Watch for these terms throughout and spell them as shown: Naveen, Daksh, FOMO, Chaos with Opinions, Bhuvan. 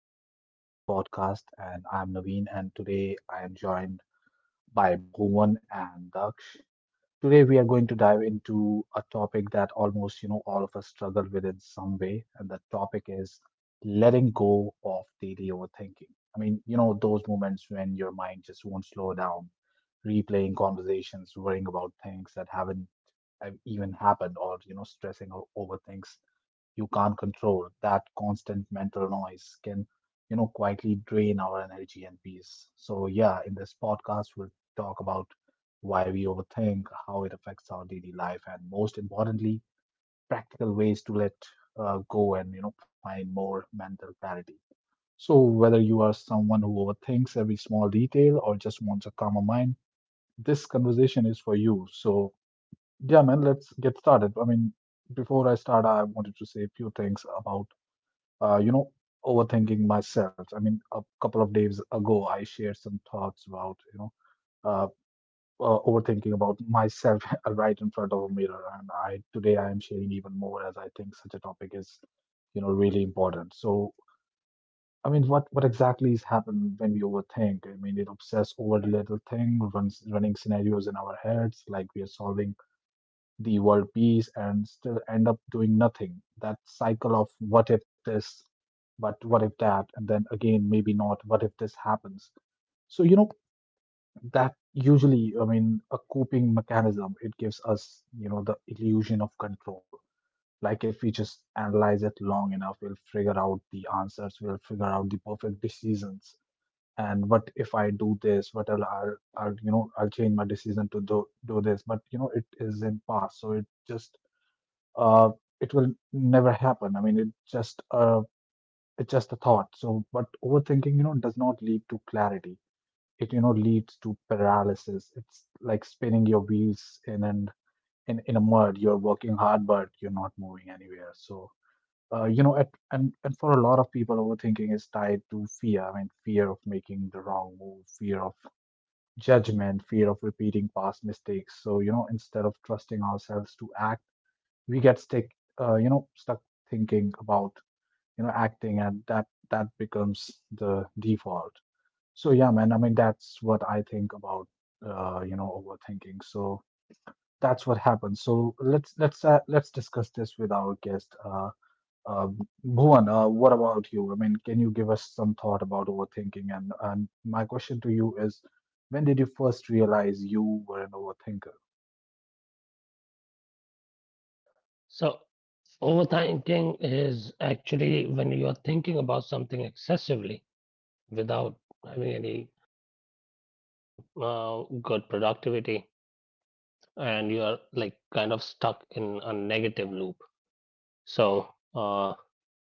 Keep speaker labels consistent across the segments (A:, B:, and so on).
A: to the podcast. And I'm Naveen, and today I am joined by Bhuvan and Daksh. Today we are going to dive into a topic that almost all of us struggle with in some way, and the topic is letting go of daily overthinking. I mean, those moments when your mind just won't slow down, replaying conversations, worrying about things that haven't even happened, or stressing over things you can't control. That constant mental noise can, quietly drain our energy and peace. So, yeah, in this podcast, we'll talk about why we overthink, how it affects our daily life, and most importantly, practical ways to let go and, find more mental clarity. So, whether you are someone who overthinks every small detail or just wants a calmer mind, this conversation is for you. So, yeah, man, let's get started. I mean, before I start, I wanted to say a few things about uh, you know, overthinking myself. I mean, a couple of days ago, I shared some thoughts about, uh, overthinking about myself right in front of a mirror. And I today I am sharing even more as I think such a topic is, really important. So, I mean, what exactly is happened when we overthink? I mean, it obsess over the little thing, runs running scenarios in our heads like we are solving the world peace and still end up doing nothing. That cycle of what if this, but what if that, and then again, maybe not, what if this happens. So, that usually, I mean, a coping mechanism, it gives us, the illusion of control. Like if we just analyze it long enough, we'll figure out the answers, we'll figure out the perfect decisions. And what if I do this? What I'll, I'll change my decision to do this. But, you know, it is in past. So it just uh, it will never happen. I mean, it just it's just a thought. So, but overthinking, you know, does not lead to clarity. It, you know, leads to paralysis. It's like spinning your wheels in and in in a mud. You're working hard, but you're not moving anywhere. So, and for a lot of people, overthinking is tied to fear. I mean, fear of making the wrong move, fear of judgment, fear of repeating past mistakes. So, you know, instead of trusting ourselves to act we get stuck thinking about, acting, and that becomes the default. So yeah, man. I mean, that's what I think about, overthinking. So that's what happens. So let's discuss this with our guest, uh, Bhuvan. What about you? I mean, can you give us some thought about overthinking? And my question to you is, when did you first realize you were an overthinker?
B: So, overthinking is actually when you are thinking about something excessively without having any good productivity, and you are like kind of stuck in a negative loop. So, uh,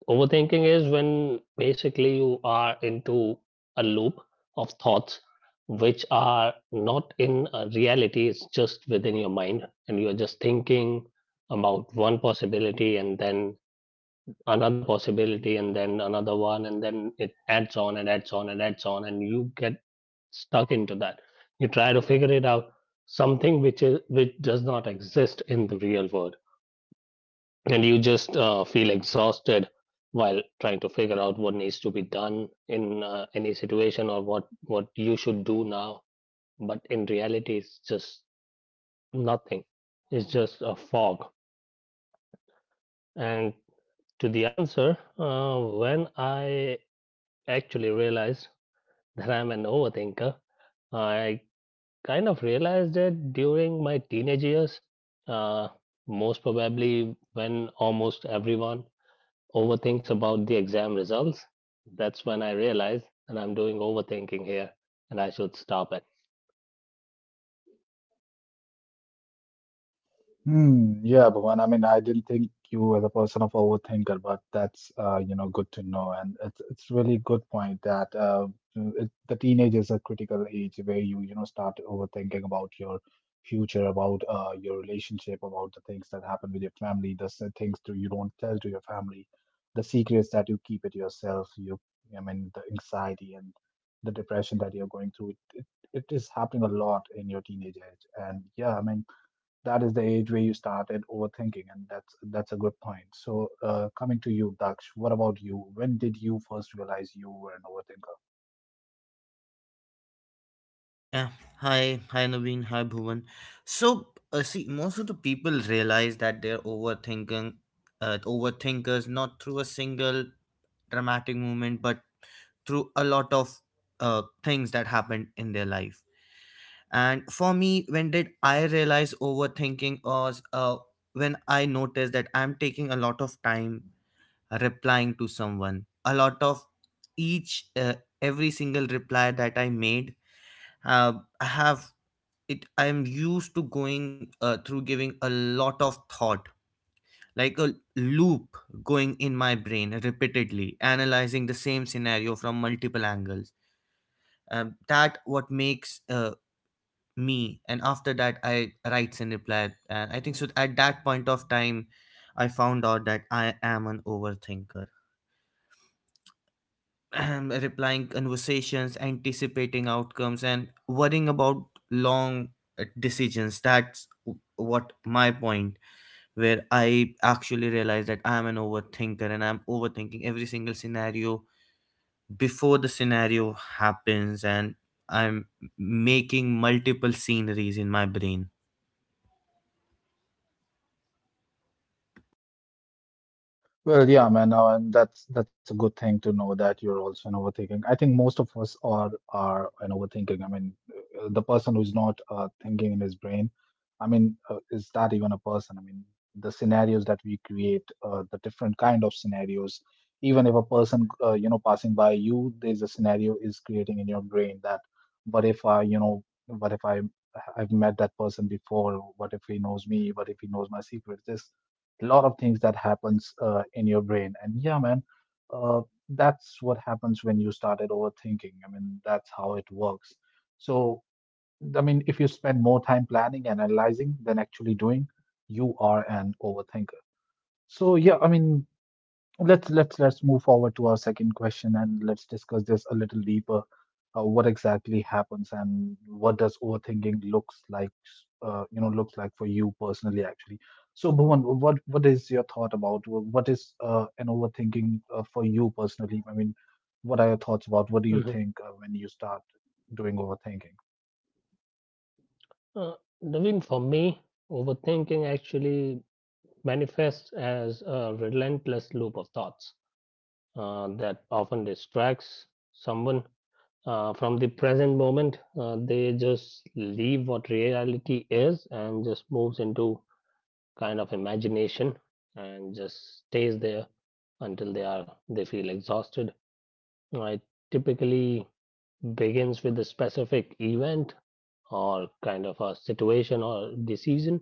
B: Overthinking is when basically you are into a loop of thoughts which are not in reality. It's just within your mind, and you are just thinking about one possibility and then another possibility and then another one, and then it adds on and adds on and adds on, and you get stuck into that. You try to figure it out, something which is which does not exist in the real world, and you just feel exhausted while trying to figure out what needs to be done in any situation or what you should do now. But in reality it's just nothing. It's just a fog. And to the answer, when I actually realized that I'm an overthinker, I kind of realized it during my teenage years. Uh, Most probably when almost everyone overthinks about the exam results. That's when I realized that I'm doing overthinking here and I should stop it.
A: Hmm, yeah, Bhuvan. I mean, I didn't think you as a person of overthinker, but that's you know good to know, and it's really good point that the teenage is a critical age where you know start overthinking about your future, about your relationship, about the things that happen with your family, the things to you don't tell to your family, the secrets that you keep it yourself. You, I mean, the anxiety and the depression that you're going through. It is happening a lot in your teenage age, and yeah, I mean that is the age where you started overthinking and that's a good point. So coming to you, Daksh, what about you? When did you first realize you were an overthinker?
C: Yeah. Hi, hi Naveen, hi Bhuvan. So, see, most of the people realize that they're overthinking, overthinkers, not through a single dramatic moment, but through a lot of things that happened in their life. And for me, when did I realize overthinking was when I noticed that I'm taking a lot of time replying to someone. A lot of each, uh, every single reply that I made, uh, I have it I'm used to going through giving a lot of thought like a loop going in my brain repeatedly analyzing the same scenario from multiple angles. That what makes me and after that I writes and reply, and I think so at that point of time I found out that I am an overthinker. Replying conversations, anticipating outcomes, and worrying about long decisions, what my point where I actually realized that I am an overthinker and I'm overthinking every single scenario before the scenario happens, and I'm making multiple sceneries in my brain.
A: Well, yeah, man, and that's a good thing to know that you're also an overthinking. I think most of us are an overthinking. I mean, the person who's not thinking in his brain, I mean, is that even a person? I mean, the scenarios that we create, the different kind of scenarios. Even if a person, passing by you, there's a scenario is creating in your brain that, what if I, I've met that person before? What if he knows me? What if he knows my secret? This a lot of things that happens in your brain. And yeah, man, uh, that's what happens when you started overthinking. I mean, that's how it works. So I mean, if you spend more time planning and analyzing than actually doing, you are an overthinker. So yeah, I mean, let's move forward to our second question and let's discuss this a little deeper. What exactly happens and what does overthinking looks like looks like for you personally actually? So Bhuvan, what is your thought about what is an overthinking for you personally? I mean, what are your thoughts about what do you
B: Mhm.
A: think when you start doing overthinking?
B: Uh, Naveen, for me, overthinking actually manifests as a relentless loop of thoughts that often distracts someone from the present moment. They just leave what reality is and just moves into kind of imagination and just stays there until they are they feel exhausted. I typically begins with a specific event or kind of a situation or decision,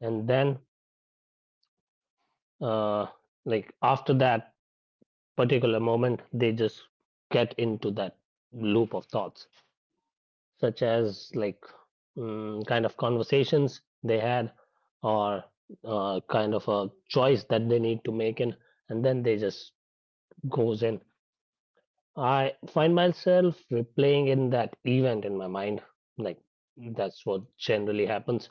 B: and then uh, like after that particular moment they just get into that loop of thoughts, such as like kind of conversations they had, or kind of a choice that they need to make in, and then they just goes in. I find myself replaying in that event in my mind, like that's what generally happens,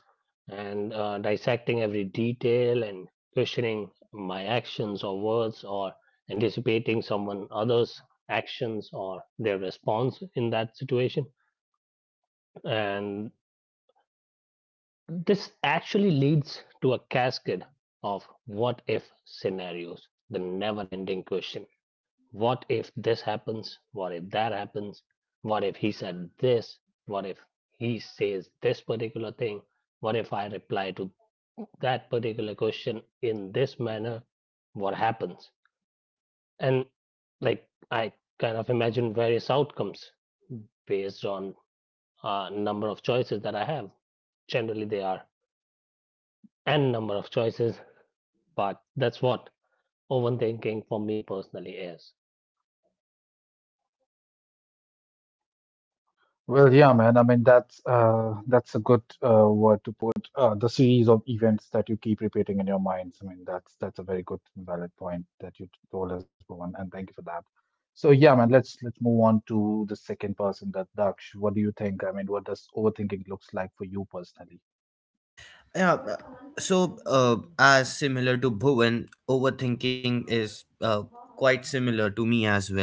B: and dissecting every detail and questioning my actions or words, or anticipating someone others actions or their response in that situation. And this actually leads to a cascade of what if scenarios, the never ending question. What if this happens? What if that happens? What if he said this? What if he says this particular thing? What if I reply to that particular question in this manner? What happens? And like I kind of imagine various outcomes based on a number of choices that I have. Generally, they are n number of choices. But that's what overthinking for me personally is.
A: Well, yeah, man. I mean, that's a good word to put. The series of events that you keep repeating in your minds. I mean, that's a very good, valid point that you told us, Bhuvan, and thank you for that. So, yeah, man. Let's move on to the second person, that Daksh. What do you think? I mean, what does overthinking looks like for you personally?
C: Yeah. So, as similar to Bhuvan, overthinking is quite similar to me as well,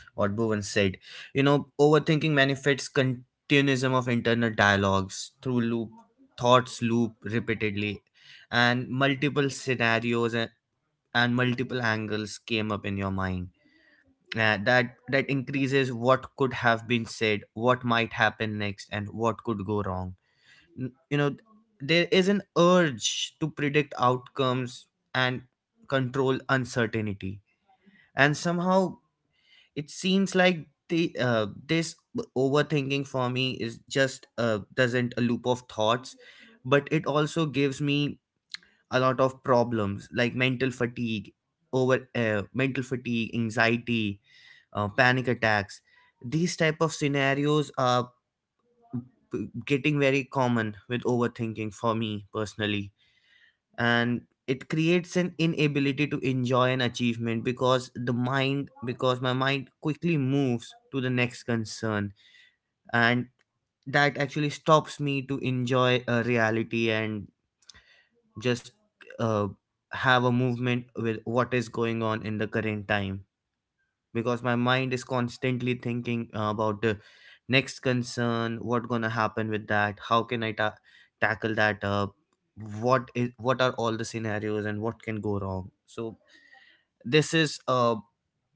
C: what Bhuvan said. You know, overthinking manifests continuism of internal dialogues through loop, thoughts loop repeatedly, and multiple scenarios and multiple angles came up in your mind, that increases what could have been said, what might happen next, and what could go wrong. You know, there is an urge to predict outcomes and control uncertainty, and somehow it seems like the this overthinking for me is just doesn't a loop of thoughts, but it also gives me a lot of problems like mental fatigue, over mental fatigue, anxiety, panic attacks. These type of scenarios are getting very common with overthinking for me personally. And it creates an inability to enjoy an achievement because the mind, because my mind quickly moves to the next concern, and that actually stops me to enjoy a reality and just uh, have a movement with what is going on in the current time, because my mind is constantly thinking about the next concern, what gonna happen with that, how can I tackle that up, what is what are all the scenarios and what can go wrong. So this is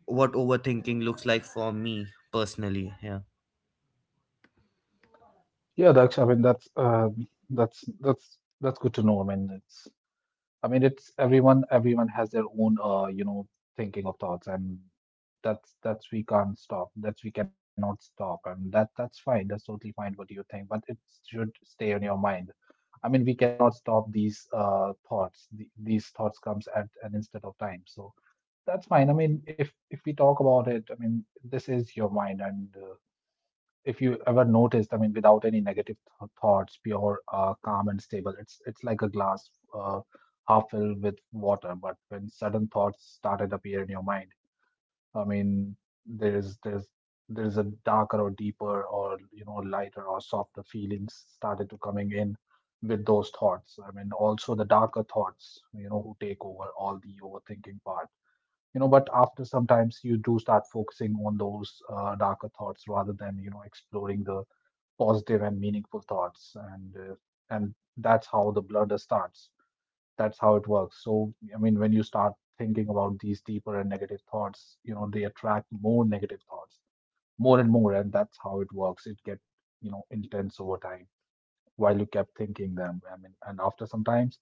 C: what overthinking looks like for me personally. Yeah.
A: Yeah, Daksh. I mean, that's that's good to know. I mean, it's everyone. Everyone has their own, thinking of thoughts, and that's we can't stop. That's we cannot stop, and that's fine. That's totally fine. What do you think, but it should stay on your mind. I mean, we cannot stop these thoughts. The, these thoughts comes at an instant of time, so that's fine. I mean, if we talk about it, I mean, this is your mind, and if you ever noticed, I mean, without any negative thoughts, pure, calm and stable. It's like a glass half filled with water. But when sudden thoughts started appear in your mind, I mean, there's there's there's a darker or deeper or you know lighter or softer feelings started to coming in with those thoughts. I mean, also the darker thoughts, you know, who take over all the overthinking part. You know, but after sometimes you do start focusing on those darker thoughts rather than you know exploring the positive and meaningful thoughts, and that's how the blunder starts. That's how it works. So I mean, when you start thinking about these deeper and negative thoughts, you know they attract more negative thoughts, more and more, and that's how it works. It get, you know, intense over time while you kept thinking them. I mean, and after sometimes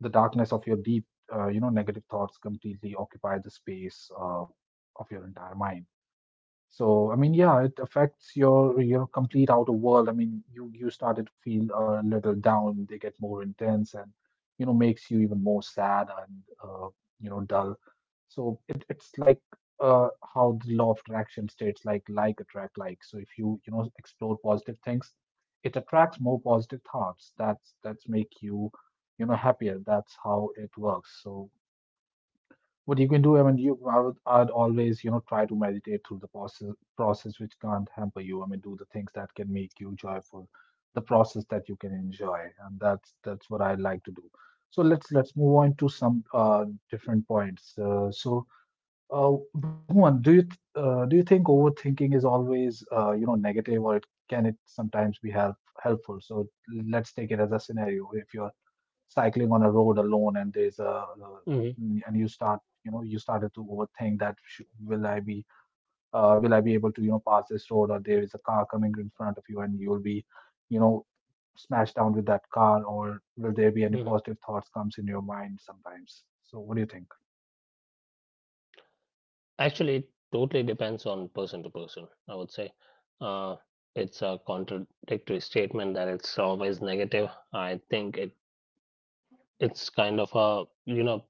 A: the darkness of your deep you know negative thoughts completely occupy the space of your entire mind. So, I mean, yeah, it affects your complete outer world. I mean, you started to feel a little down. They get more intense, and you know, makes you even more sad and you know, dull. So it's like how the law of attraction states, like attract like. So if you you know explore positive things, it attracts more positive thoughts. That's make you you know happier. That's how it works. So what you can do, I mean, you, I'd always, you know, try to meditate through the process, process which can't hamper you. I mean, do the things that can make you joyful, the process that you can enjoy, and that's what I like to do. So let's move on to some different points. So, Bhuvan, do you do you think overthinking is always, negative, or can it sometimes be helpful? So let's take it as a scenario. If you're cycling on a road alone and there's a
B: Hmm.
A: and you start you know you started to overthink that will I be able to you know pass this road, or there is a car coming in front of you and you'll be you know smashed down with that car, or will there be any
B: Hmm.
A: positive thoughts comes in your mind sometimes? So what do you think?
B: Actually, it totally depends on person to person, I would say. Uh, it's a contradictory statement that it's always negative. I think it it's kind of a, you know,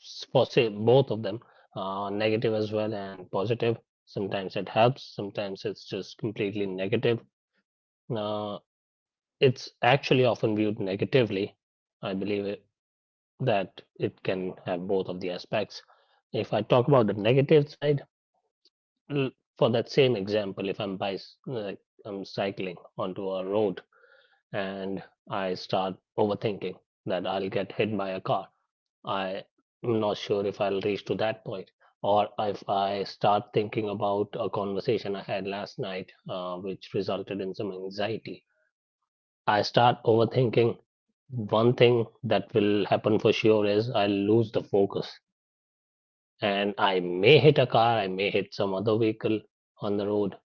B: s- for say both of them, negative as well and positive. Sometimes it helps, sometimes it's just completely negative. Uh, it's actually often viewed negatively, I believe, that it can have both of the aspects. If I talk about the negative side, for that same example, if I'm by, like, I'm cycling onto a road and I start overthinking that I'll get hit by a car, I'm not sure if I'll reach to that point. Or if I start thinking about a conversation I had last night, which resulted in some anxiety, I start overthinking. One thing that will happen for sure is I'll lose the focus, and I may hit a car, I may hit some other vehicle on the road.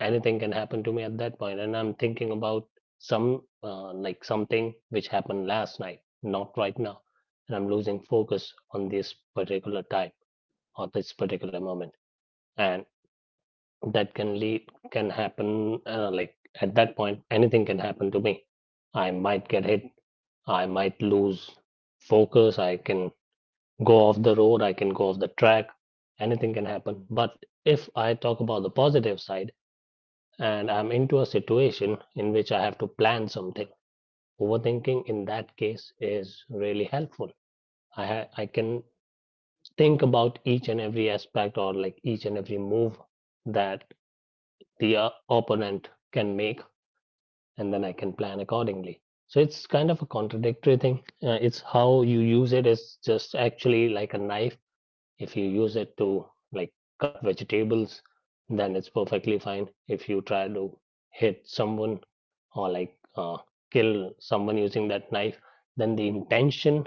B: Anything can happen to me at that point. And I'm thinking about some like something which happened last night, not right now, and I'm losing focus on this particular time or this particular moment, and that can lead can happen like at that point anything can happen to me. I might get hit, I might lose focus, I can go off the road, I can go off the track, anything can happen. But if I talk about the positive side, and I'm into a situation in which I have to plan something, overthinking in that case is really helpful. I can think about each and every aspect, or like each and every move that the opponent can make, and then I can plan accordingly. So it's kind of a contradictory thing. It's how you use it. Is just actually like a knife. If you use it to like cut vegetables, then it's perfectly fine. If you try to hit someone, or like kill someone using that knife, then the intention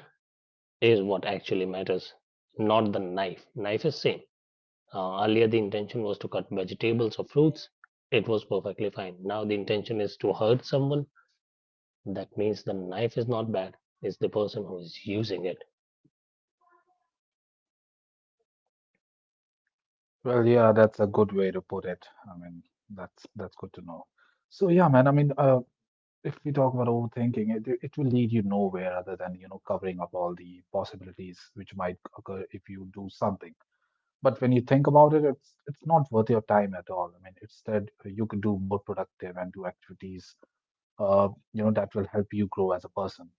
B: is what actually matters, not the knife. Knife is same. Earlier, the intention was to cut vegetables or fruits. It was perfectly fine. Now the intention is to hurt someone. That means the knife is not bad. It's the person who is using it.
A: Well, yeah, that's a good way to put it. I mean, that's good to know. So yeah, man, I mean, if we talk about overthinking, it will lead you nowhere other than you know covering up all the possibilities which might occur if you do something. But when you think about it, it's not worth your time at all. I mean, instead you could do more productive and do activities, that will help you grow as a person.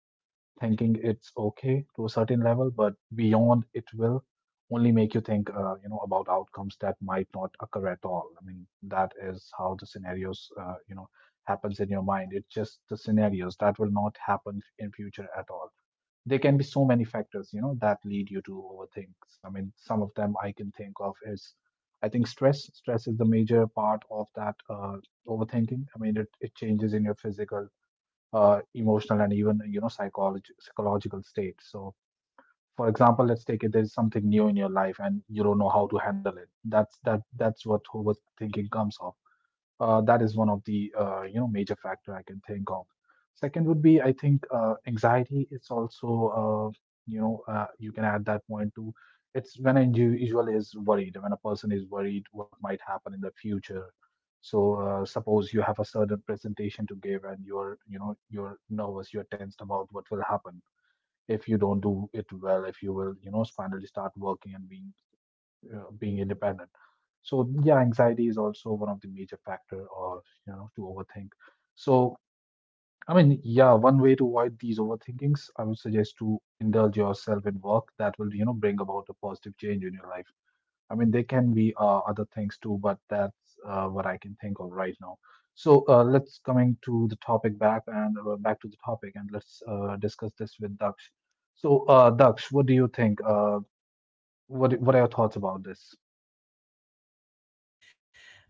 A: Thinking it's okay to a certain level, but beyond it will only make you think, about outcomes that might not occur at all. I mean, that is how the scenarios, happens in your mind. It's just the scenarios that will not happen in future at all. There can be so many factors, you know, that lead you to overthink. I mean, some of them I can think of is, I think stress. Stress is the major part of that overthinking. I mean, it changes in your physical emotional and even you know psychology psychological state. So for example, let's take it, there's something new in your life and you don't know how to handle it. That's that's what overthinking comes of. That is one of the major factor I can think of. Second would be I think anxiety. It's also you can add that point to. It's when an individual is worried, when a person is worried what might happen in the future. So suppose you have a certain presentation to give and you know you're nervous, you're tensed about what will happen if you don't do it well, if you will you know finally start working and being being independent. So yeah, anxiety is also one of the major factor or you know to overthink. So I mean, yeah, one way to avoid these overthinkings, I would suggest to indulge yourself in work that will you know bring about a positive change in your life. I mean, there can be other things too, but that's what I can think of right now. So let's coming to the topic back and back to the topic, and let's discuss this with Daksh. So Daksh, what do you think? What are your thoughts about this?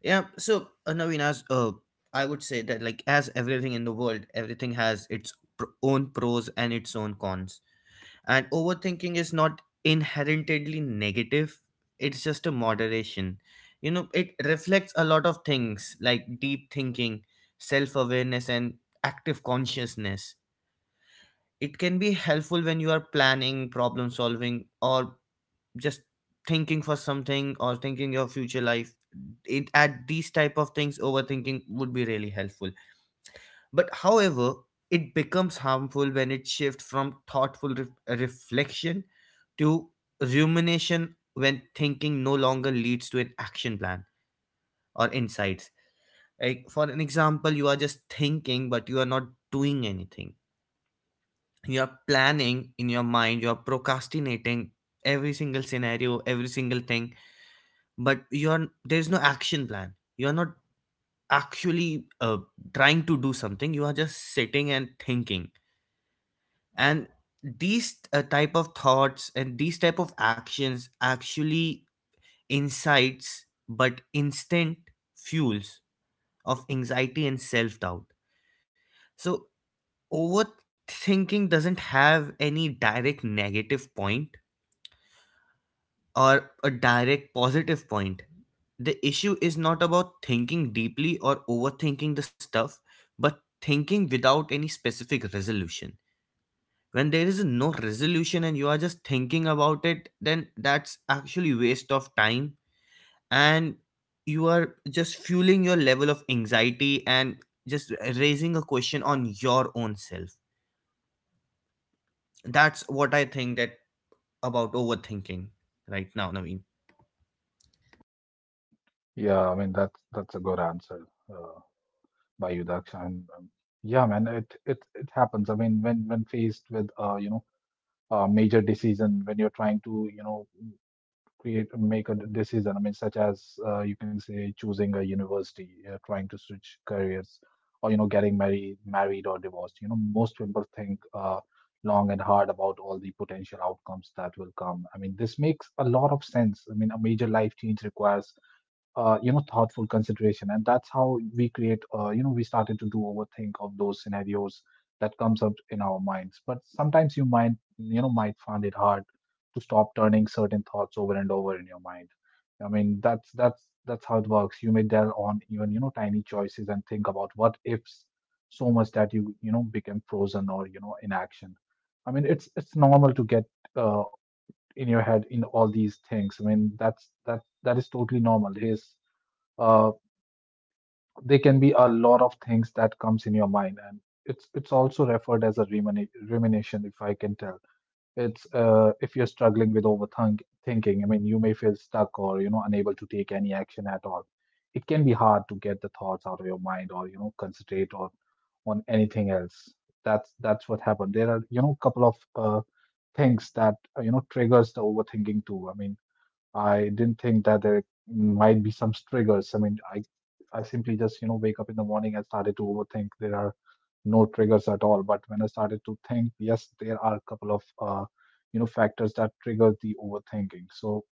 C: Yeah. So, Naveen, uh, I would say that, like, as everything in the world, everything has its own pros and its own cons. And overthinking is not inherently negative, it's just a moderation. You know, it reflects a lot of things like deep thinking, self awareness, and active consciousness. It can be helpful when you are planning, problem solving, or just thinking for something or thinking your future life. It at these type of things overthinking would be really helpful, but however it becomes harmful when it shifts from thoughtful reflection to rumination, when thinking no longer leads to an action plan or insights. Like, for an example, you are just thinking but you are not doing anything, you are planning in your mind, you are procrastinating every single scenario, every single thing, but you're there's no action plan, you're not actually trying to do something, you are just sitting and thinking. And these type of thoughts and these type of actions actually incites but instant fuels of anxiety and self-doubt. So overthinking doesn't have any direct negative point or a direct positive point. The issue is not about thinking deeply or overthinking the stuff, but thinking without any specific resolution. When there is no resolution and you are just thinking about it, then that's actually waste of time, and you are just fueling your level of anxiety and just raising a question on your own self. That's what I think that about overthinking right now, Naveen.
A: Yeah, I mean that's a good answer uh, by you, Daksh. And yeah, man, it happens. I mean, when faced with a major decision, when you're trying to you know create make a decision, I mean, such as you can say choosing a university, trying to switch careers, or you know getting married or divorced. You know, most people think long and hard about all the potential outcomes that will come. I mean, this makes a lot of sense. I mean, a major life change requires thoughtful consideration, and that's how we create we started to do overthink of those scenarios that comes up in our minds. But sometimes you might you know might find it hard to stop turning certain thoughts over and over in your mind. I mean that's how it works. You may dwell on even you know tiny choices and think about what ifs so much that you know become frozen or you know inaction. I mean it's normal to get uh, in your head in all these things. I mean that's that is totally normal. Here's uh, there can be a lot of things that comes in your mind, and it's also referred as a rumination if I can tell. It's if you're struggling with overthink thinking, I mean you may feel stuck or you know unable to take any action at all. It can be hard to get the thoughts out of your mind or you know concentrate on anything else. That's what happened. There are you know couple of things that triggers the overthinking too. I mean, I didn't think that there might be some triggers. I mean, I simply just, you know, wake up in the morning and started to overthink. There are no triggers at all. But when I started to think, yes, there are a couple of factors that trigger the overthinking. So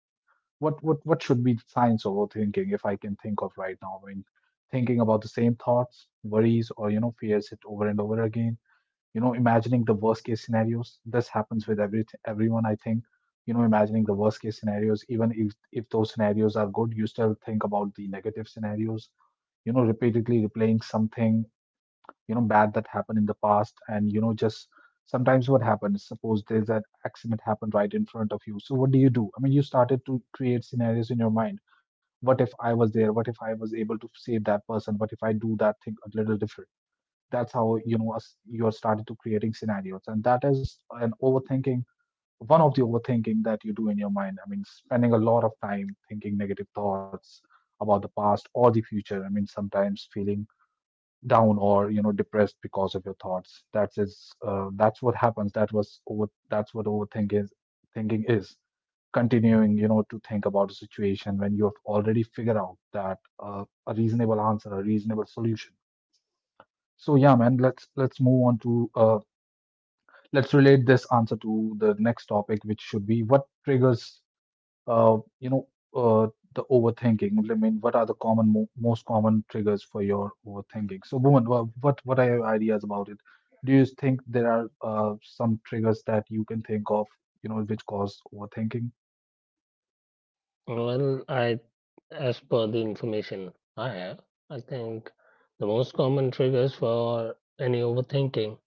A: what should be the signs of overthinking if I can think of right now? I mean, thinking about the same thoughts, worries, or you know, fears it over and over again, you know imagining the worst case scenarios. This happens with everyone I think. You know, imagining the worst case scenarios, even if those scenarios are good, you still think about the negative scenarios. You know, repeatedly replaying something you know bad that happened in the past, and you know just sometimes what happens, suppose there's an accident happened right in front of you, so what do you do? I mean, you started to create scenarios in your mind. What if I was there, what if I was able to save that person, what if I do that thing a little different. That's how you know you're starting to creating scenarios, and that is an overthinking, one of the overthinking that you do in your mind. I mean, spending a lot of time thinking negative thoughts about the past or the future. I mean, sometimes feeling down or you know depressed because of your thoughts, that is that's what happens. That was over that's what overthinking is. Thinking is continuing you know to think about a situation when you have already figured out that a reasonable answer, a reasonable solution. So yeah, man, let's move on to let's relate this answer to the next topic, which should be what triggers, uh, you know, uh, the overthinking. I mean, what are the common, most common triggers for your overthinking? So, Bhuvan, what are your ideas about it? Do you think there are some triggers that you can think of, you know, which cause overthinking?
B: Well, I, as per the information I have, I think the most common triggers for any overthinking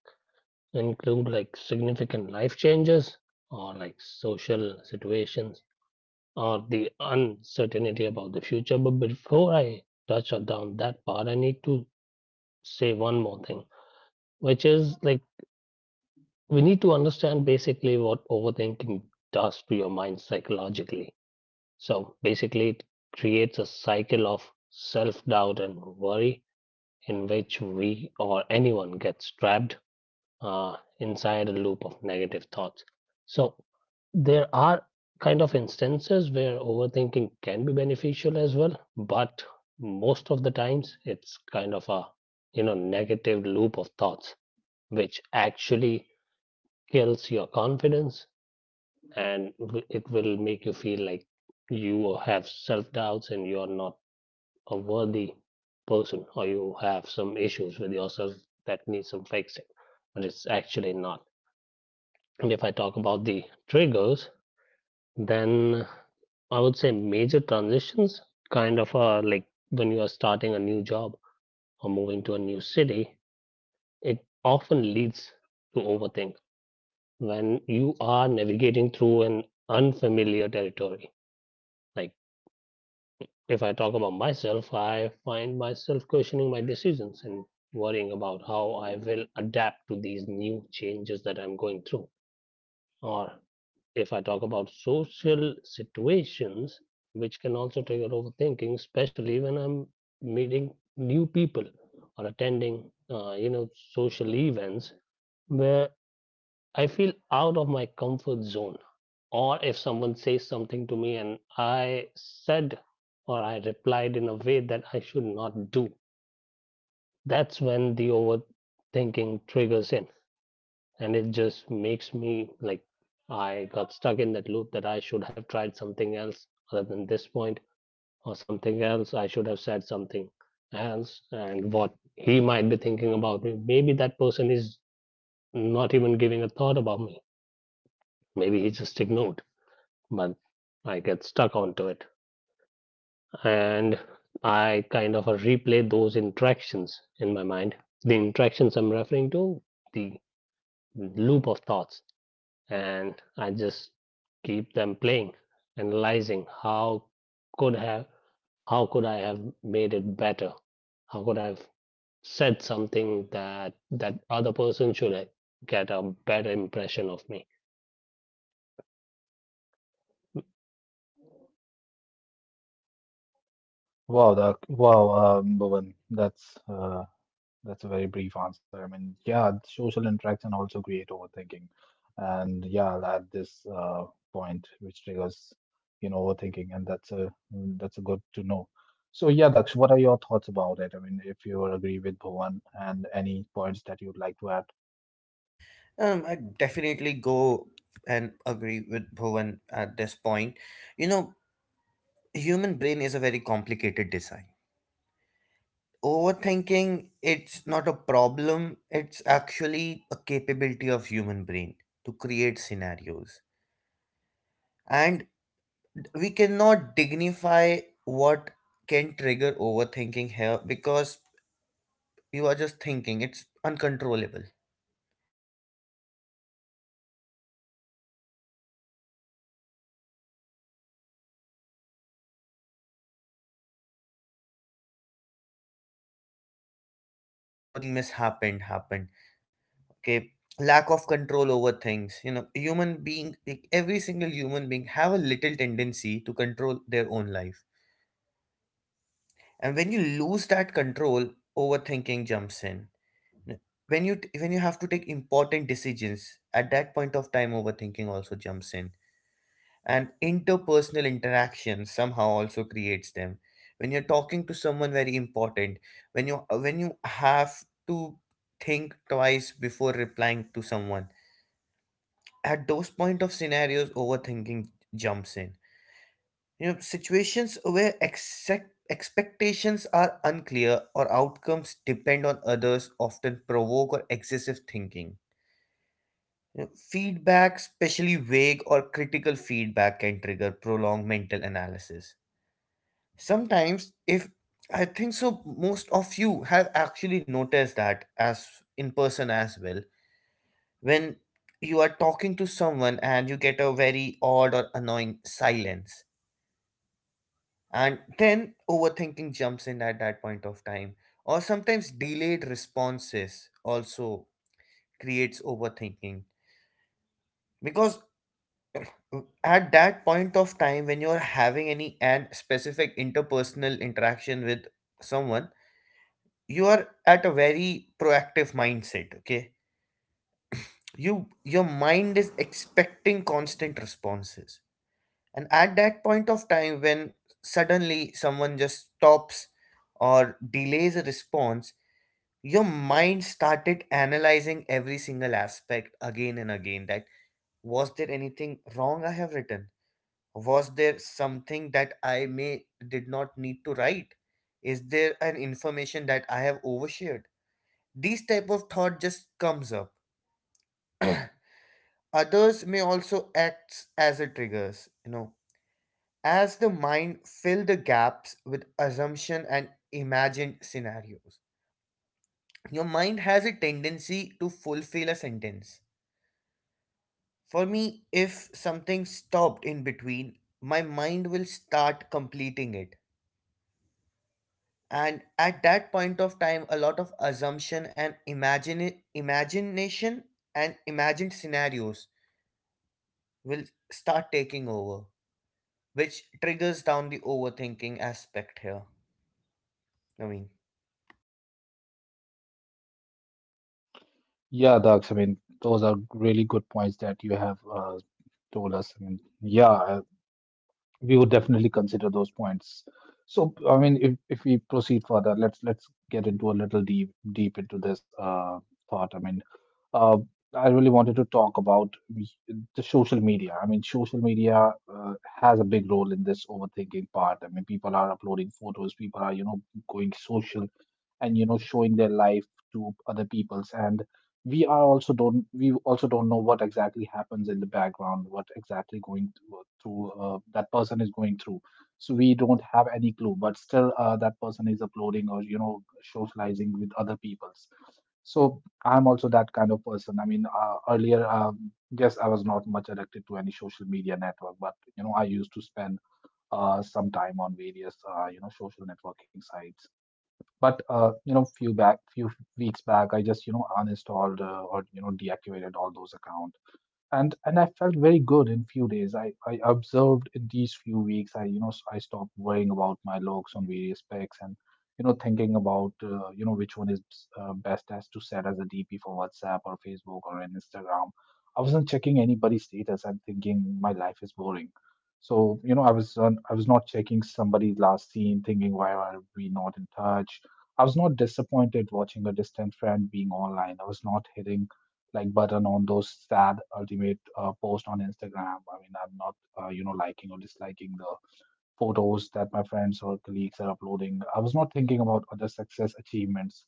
B: include like significant life changes, or like social situations, or the uncertainty about the future. But before I touch down that part, I need to say one more thing, which is like we need to understand basically what overthinking does to your mind psychologically. So basically, it creates a cycle of self doubt and worry in which we or anyone gets trapped inside a loop of negative thoughts. So there are kind of instances where overthinking can be beneficial as well, but most of the times it's kind of a you know negative loop of thoughts which actually kills your confidence, and w- it will make you feel like you have self doubts and you are not a worthy person, or you have some issues with yourself that needs some fixing, but it's actually not. And if I talk about the triggers, then I would say major transitions kind of are like when you are starting a new job or moving to a new city. It often leads to overthink when you are navigating through an unfamiliar territory. Like if I talk about myself, I find myself questioning my decisions and worrying about how I will adapt to these new changes that I'm going through. Or if I talk about social situations, which can also trigger overthinking, especially when I'm meeting new people or attending, you know, social events where I feel out of my comfort zone. Or if someone says something to me and I said or I replied in a way that I should not do, that's when the overthinking triggers in. And it just makes me like I got stuck in that loop that I should have tried something else other than this point, or something else. I should have said something else, and what he might be thinking about me. Maybe that person is not even giving a thought about me. Maybe he just ignored. Month. I get stuck onto it, and I kind of replay those interactions in my mind. The interactions I'm referring to, the loop of thoughts, and I just keep them playing, analyzing how could have how could I have made it better? How could I have said something that that other person should get a better impression of me? Mm.
A: Wow, Bhuvan, that's that's a very brief answer. I mean, yeah, social interaction also create overthinking. And yeah, I'll add this point which triggers, you know, overthinking, and that's a good to know. So yeah, that's what are your thoughts about it? I mean, if you agree with Bhuvan and any points that you'd like to add.
C: I definitely go and agree with Bhuvan at this point. You know, human brain is a very complicated design. Overthinking, it's not a problem, it's actually a capability of human brain to create scenarios. And we cannot dignify what can trigger overthinking here because you are just thinking, it's uncontrollable. So the point that I would say that common trigger, I would suggest some common triggers that may trigger overthinking here would be like uncertainty of life. Something mishappened happened. Okay. Lack of control over things. You know, human being, like every single human being have a little tendency to control their own life. And when you lose that control, overthinking jumps in. When you have to take important decisions, at that point of time, overthinking also jumps in, and interpersonal interaction somehow also creates them when you're talking to someone very important, when you when you have to think twice before replying to someone, at those point of scenarios overthinking jumps in. You know, situations where exact expectations are unclear or outcomes depend on others often provoke or excessive thinking. You know, feedback, especially vague or critical feedback, can trigger prolonged mental analysis. Sometimes, if I think so, most of you have actually noticed that as in person as well. When you are talking to someone and you get a very odd or annoying silence, and then overthinking jumps in at that point of time, or sometimes delayed responses also creates overthinking, because uh, at that point of time when you're having any and specific interpersonal interaction with someone, you are at a very proactive mindset, okay. You your mind is expecting constant responses, and at that point of time when suddenly someone just stops or delays a response, your mind started analyzing every single aspect again and again, that was there anything wrong I have written, was there something that I may did not need to write, is there an information that I have overshared. These type of thought just comes up. Others may also act as a triggers, you know, as the mind fill the gaps with assumption and imagined scenarios. Your mind has a tendency to fulfill a sentence. For me, if something stopped in between, my mind will start completing it, and at that point of time a lot of assumption and imagine imagination and imagined scenarios will start taking over, which triggers down the overthinking aspect here. I mean,
A: Yeah, Dax, I mean, those are really good points that you have told us. I mean, yeah, we would definitely consider those points. So, I mean, if we proceed further, let's get into a little deep into this thought. I mean, uh, I really wanted to talk about the social media. I mean, social media has a big role in this overthinking part. I mean, people are uploading photos, people are you know going social and you know showing their life to other people's, and we also don't know what exactly happens in the background, what exactly going through, that person is going through. So we don't have any clue, but still that person is uploading or you know socializing with other people's. So I'm also that kind of person. I mean earlier yes, I was not much addicted to any social media network, but you know I used to spend some time on various social networking sites. But few weeks back, I just you know uninstalled or you know deactivated all those accounts, and I felt very good in few days. I observed in these few weeks. I you know I stopped worrying about my looks on various specs, and you know thinking about which one is best as to set as a DP for WhatsApp or Facebook or an Instagram. I wasn't checking anybody's status, I'm thinking my life is boring. So you know I was not checking somebody's last scene, thinking why are we not in touch. I was not disappointed watching a distant friend being online. I was not hitting like button on those sad ultimate post on Instagram. I mean, I'm not liking or disliking the photos that my friends or colleagues are uploading. I was not thinking about other success achievements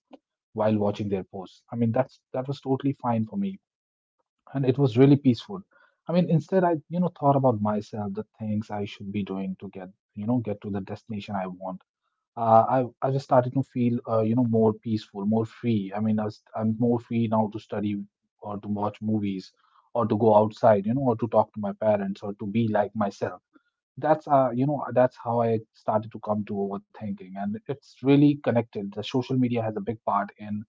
A: while watching their posts. I mean, that was totally fine for me, and it was really peaceful. I mean, instead, I you know thought about myself, the things I should be doing to get you know get to the destination I want. Uh, I I just started to feel more peaceful, more free. I mean, I'm more free now to study or to watch movies or to go outside, you know, or to talk to my parents or to be like myself. That's how I started to come to overthinking, and it's really connected. The social media has a big part in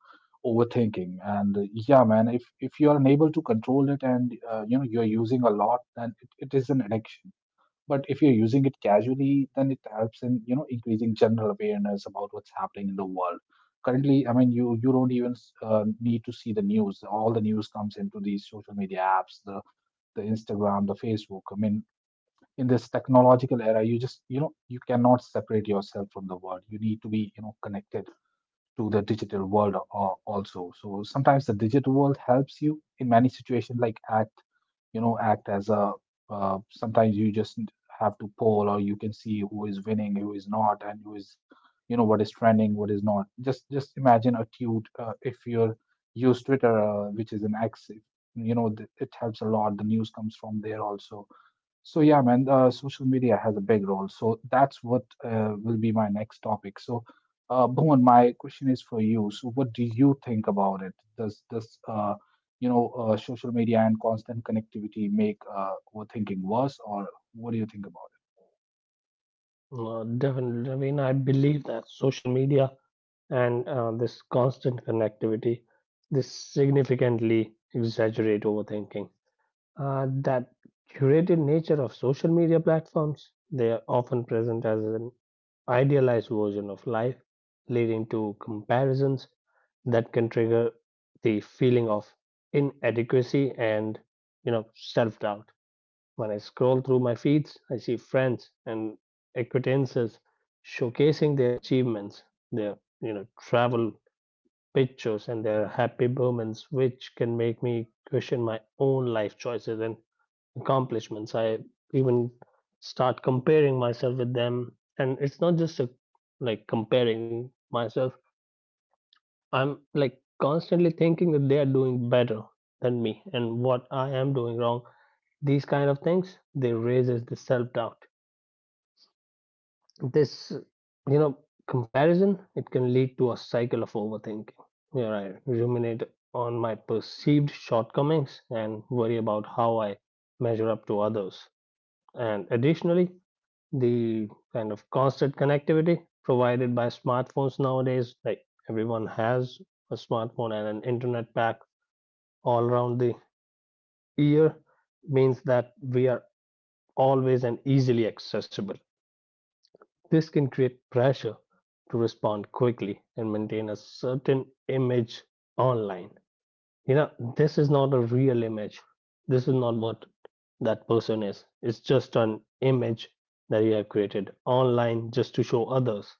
A: overthinking, and yeah, man, if you are unable to control it and you're using a lot, then it is an addiction. But if you're using it casually, then it helps in increasing general awareness about what's happening in the world currently. I mean, you don't even need to see the news. All the news comes into these social media apps, the Instagram, the Facebook. I mean, in this technological era, you just you cannot separate yourself from the world. You need to be, you know, connected to the digital world, also. So sometimes the digital world helps you in many situations, like act as a. Sometimes you just have to poll, or you can see who is winning, who is not, and who is, you know, what is trending, what is not. Just imagine a tweet. If you're use Twitter, which is an X, it helps a lot. The news comes from there also. So yeah, man, social media has a big role. So that's what will be my next topic. So, Bhuvan, my question is for you. So, what do you think about it? Does this, social media and constant connectivity make overthinking worse, or what do you think about it?
B: Definitely. I mean, I believe that social media and this constant connectivity, this significantly exaggerate overthinking. That curated nature of social media platforms, they are often present as an idealized version of life, leading to comparisons that can trigger the feeling of inadequacy and you know self-doubt. When I scroll through my feeds, I see friends and acquaintances showcasing their achievements, their you know travel pictures and their happy moments, which can make me question my own life choices and accomplishments. I even start comparing myself with them. And it's not just a, like comparing myself, I'm like constantly thinking that they are doing better than me and what I am doing wrong. These kind of things, they raises the self-doubt. This, you know, comparison, it can lead to a cycle of overthinking where I ruminate on my perceived shortcomings and worry about how I measure up to others. And additionally, the kind of constant connectivity provided by smartphones nowadays. Like everyone has a smartphone and an internet pack all around the ear means that we are always and easily accessible. This can create pressure to respond quickly and maintain a certain image online. You know, this is not a real image. This is not what that person is. It's just an image that you have created online just to show others,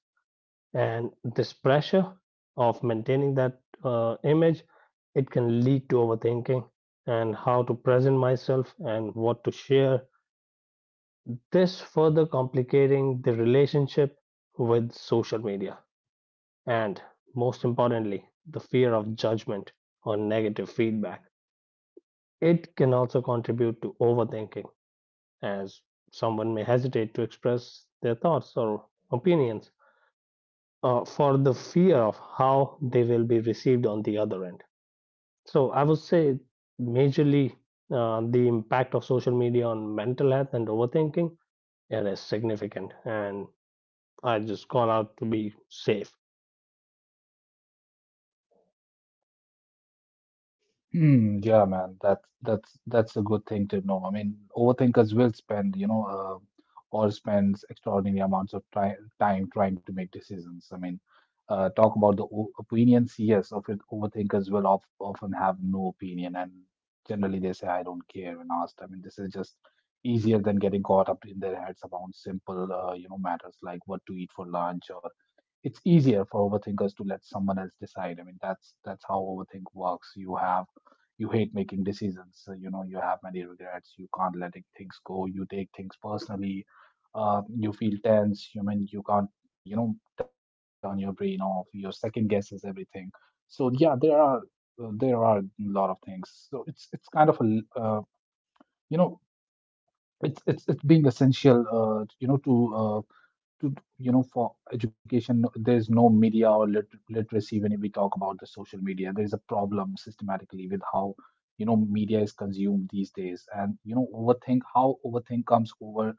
B: and this pressure of maintaining that image, it can lead to overthinking and how to present myself and what to share, this further complicating the relationship with social media. And most importantly, the fear of judgment or negative feedback, it can also contribute to overthinking, as someone may hesitate to express their thoughts or opinions for the fear of how they will be received on the other end. So I would say majorly the impact of social media on mental health and overthinking, it is significant, and I just call out to be safe.
A: Hmm, yeah, man, that's a good thing to know. I mean, overthinkers will spend, or spends extraordinary amounts of time trying to make decisions. I mean, talk about the o opinions. Yes, of it, overthinkers will often have no opinion, and generally they say, "I don't care" when asked. I mean, this is just easier than getting caught up in their heads about simple, matters like what to eat for lunch, or it's easier for overthinkers to let someone else decide. I mean, that's how overthink works. You hate making decisions. So, you know, you have many regrets. You can't let things go. You take things personally. You feel tense. You mean you can't turn your brain off. Your second guesses everything. So yeah, there are a lot of things. So it's kind of a l- you know it's being essential you know to you know for education. No, there's no media or literacy. When we talk about the social media, there is a problem systematically with how, you know, media is consumed these days, and you know, overthink how overthink comes over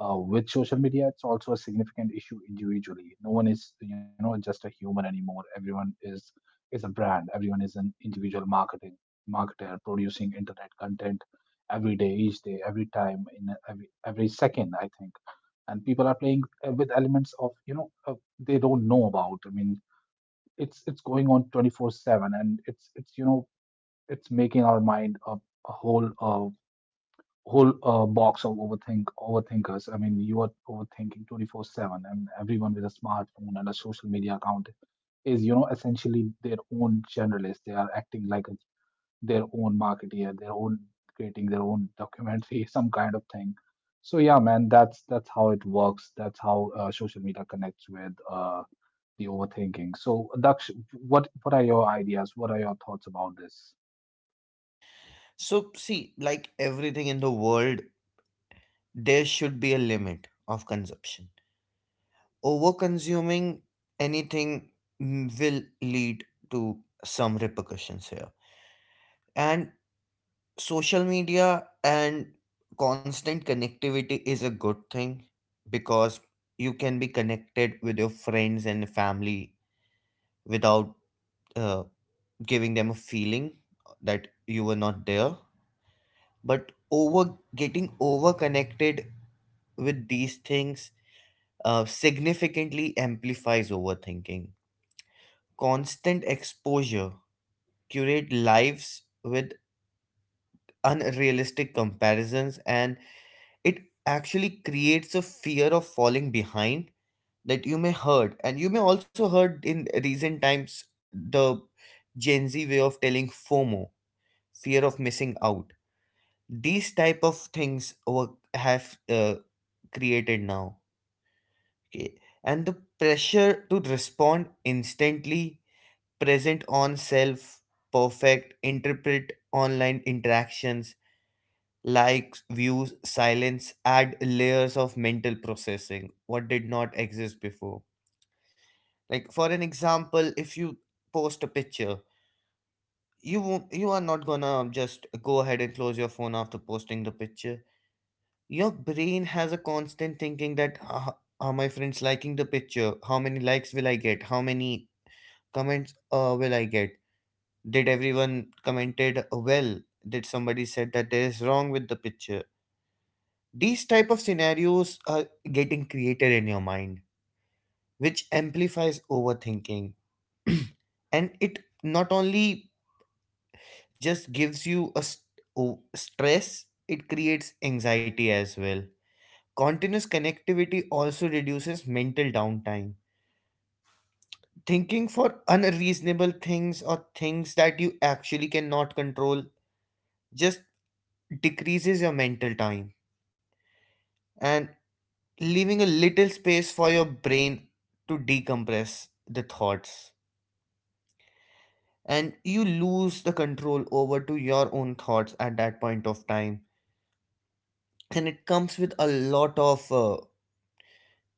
A: with social media. It's also a significant issue individually. No one is, you know, just a human anymore. Everyone is a brand. Everyone is an individual marketing marketer producing internet content every day, each day, every time, in every second, I think. And people are playing with elements of they don't know about. I mean, it's going on 24/7, and it's you know it's making our mind a whole whole box of overthinkers. I mean, you are overthinking 24/7, and everyone with a smartphone and a social media account is, you know, essentially their own generalist. They are acting like a their own marketeer, their own creating their own documentary, some kind of thing. So yeah, man, that's how it works. That's how social media connects with the overthinking. So Daksh, what are your ideas? What are your thoughts about this?
C: so see, like everything in the world, there should be a limit of consumption. Over-consuming anything will lead to some repercussions here. And social media and constant connectivity is a good thing because you can be connected with your friends and family without uh, giving them a feeling that you were not there, but over getting over connected with these things significantly amplifies overthinking. Constant exposure curate lives with unrealistic comparisons, and it actually creates a fear of falling behind, that you may hurt and you may also heard in recent times the gen z way of telling FOMO, fear of missing out. These type of things were have uh, created now. Okay. And the pressure to respond instantly, present on self, perfect, interpret online interactions, likes, views, silence, add layers of mental processing, what did not exist before. Like, for an example, if you post a picture, you won't, you are not gonna just go ahead and close your phone after posting the picture. Your brain has a constant thinking that "Ah, are my friends liking the picture, how many likes will I get, how many comments will I get? Did everyone commented well? Did somebody said that there is wrong with the picture?" These type of scenarios are getting created in your mind, which amplifies overthinking, and it not only just gives you a stress, it creates anxiety as well. Continuous connectivity also reduces mental downtime, thinking for unreasonable things or things that you actually cannot control just decreases your mental time and leaving a little space for your brain to decompress the thoughts, and you lose the control over to your own thoughts at that point of time. And it comes with a lot of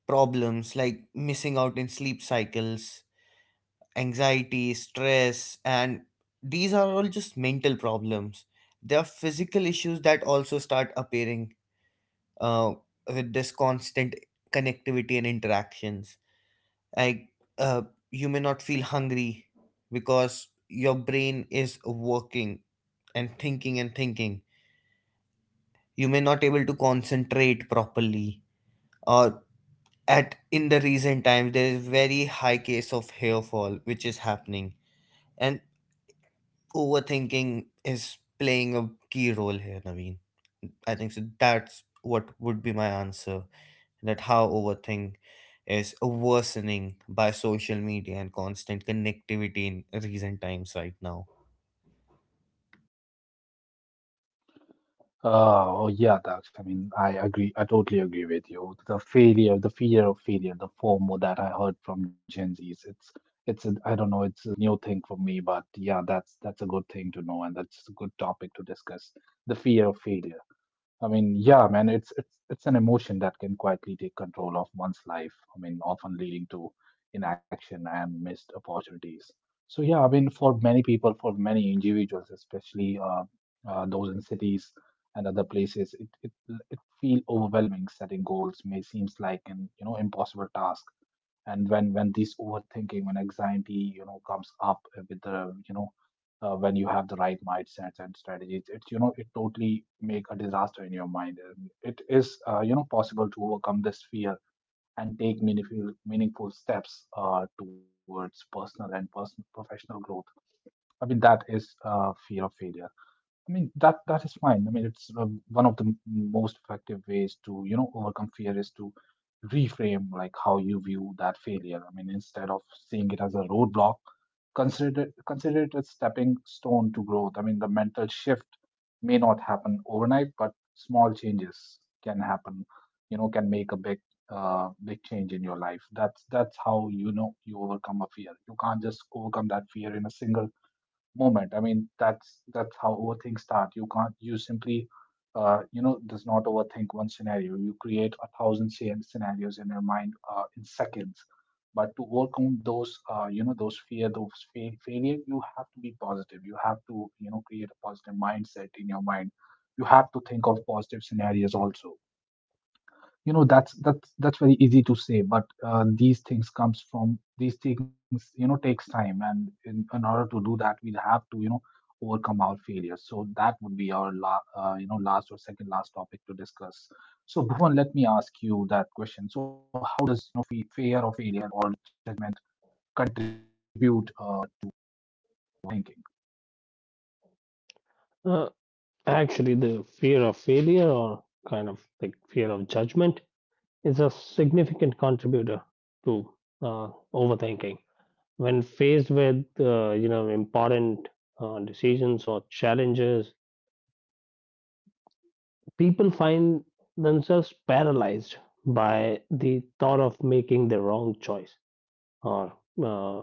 C: problems like missing out in sleep cycles, anxiety, stress, and these are all just mental problems. There are physical issues that also start appearing uh, with this constant connectivity and interactions, like uh, you may not feel hungry because your brain is working and thinking and thinking, you may not able to concentrate properly, or at in the recent times there is very high case of hair fall which is happening, and overthinking is playing a key role here, Naveen. I think so that's what would be my answer, that how overthink is worsening by social media and constant connectivity in recent times right now.
A: Oh yeah, Dax. I mean, I agree. I totally agree with you. The failure, the fear of failure, the FOMO that I heard from Gen Zs. It's a, I don't know. It's a new thing for me, but yeah, that's a good thing to know, and that's a good topic to discuss. The fear of failure. I mean, yeah, man, it's an emotion that can quietly take control of one's life. I mean, often leading to inaction and missed opportunities. So yeah, I mean, for many people, for many individuals, especially those in cities and other places, it it feel overwhelming. Setting goals may seems like an, you know, impossible task. And when this overthinking, when anxiety, you know, comes up with the, you know, when you have the right mindsets and strategies, it's, you know, it totally make a disaster in your mind. And it is, possible to overcome this fear and take meaningful steps towards personal and personal professional growth. I mean, that is fear of failure. I mean, that is fine. I mean, it's one of the most effective ways to, you know, overcome fear is to reframe like how you view that failure. I mean, instead of seeing it as a roadblock, consider it a stepping stone to growth. I mean, the mental shift may not happen overnight, but small changes can happen. You know, can make a big, big change in your life. That's how, you know, you overcome a fear. You can't just overcome that fear in a single moment. I mean, that's how overthink start. You can't. You simply, does not overthink one scenario. You create a thousand scenarios in your mind in seconds. But to overcome those, those fear, those failure, you have to be positive. You have to, you know, create a positive mindset in your mind. You have to think of positive scenarios also, you know. That's very easy to say, but these things comes from, these things, you know, takes time. And in order to do that, we have to, you know, overcome our failures. So that would be our last or second last topic to discuss. So Bhuvan, let me ask you that question. So how does, you know, fear of failure or judgment contribute to overthinking?
B: Uh, Actually, the fear of failure or kind of like fear of judgment is a significant contributor to overthinking. When faced with important decisions or challenges, people find themselves paralyzed by the thought of making the wrong choice or uh,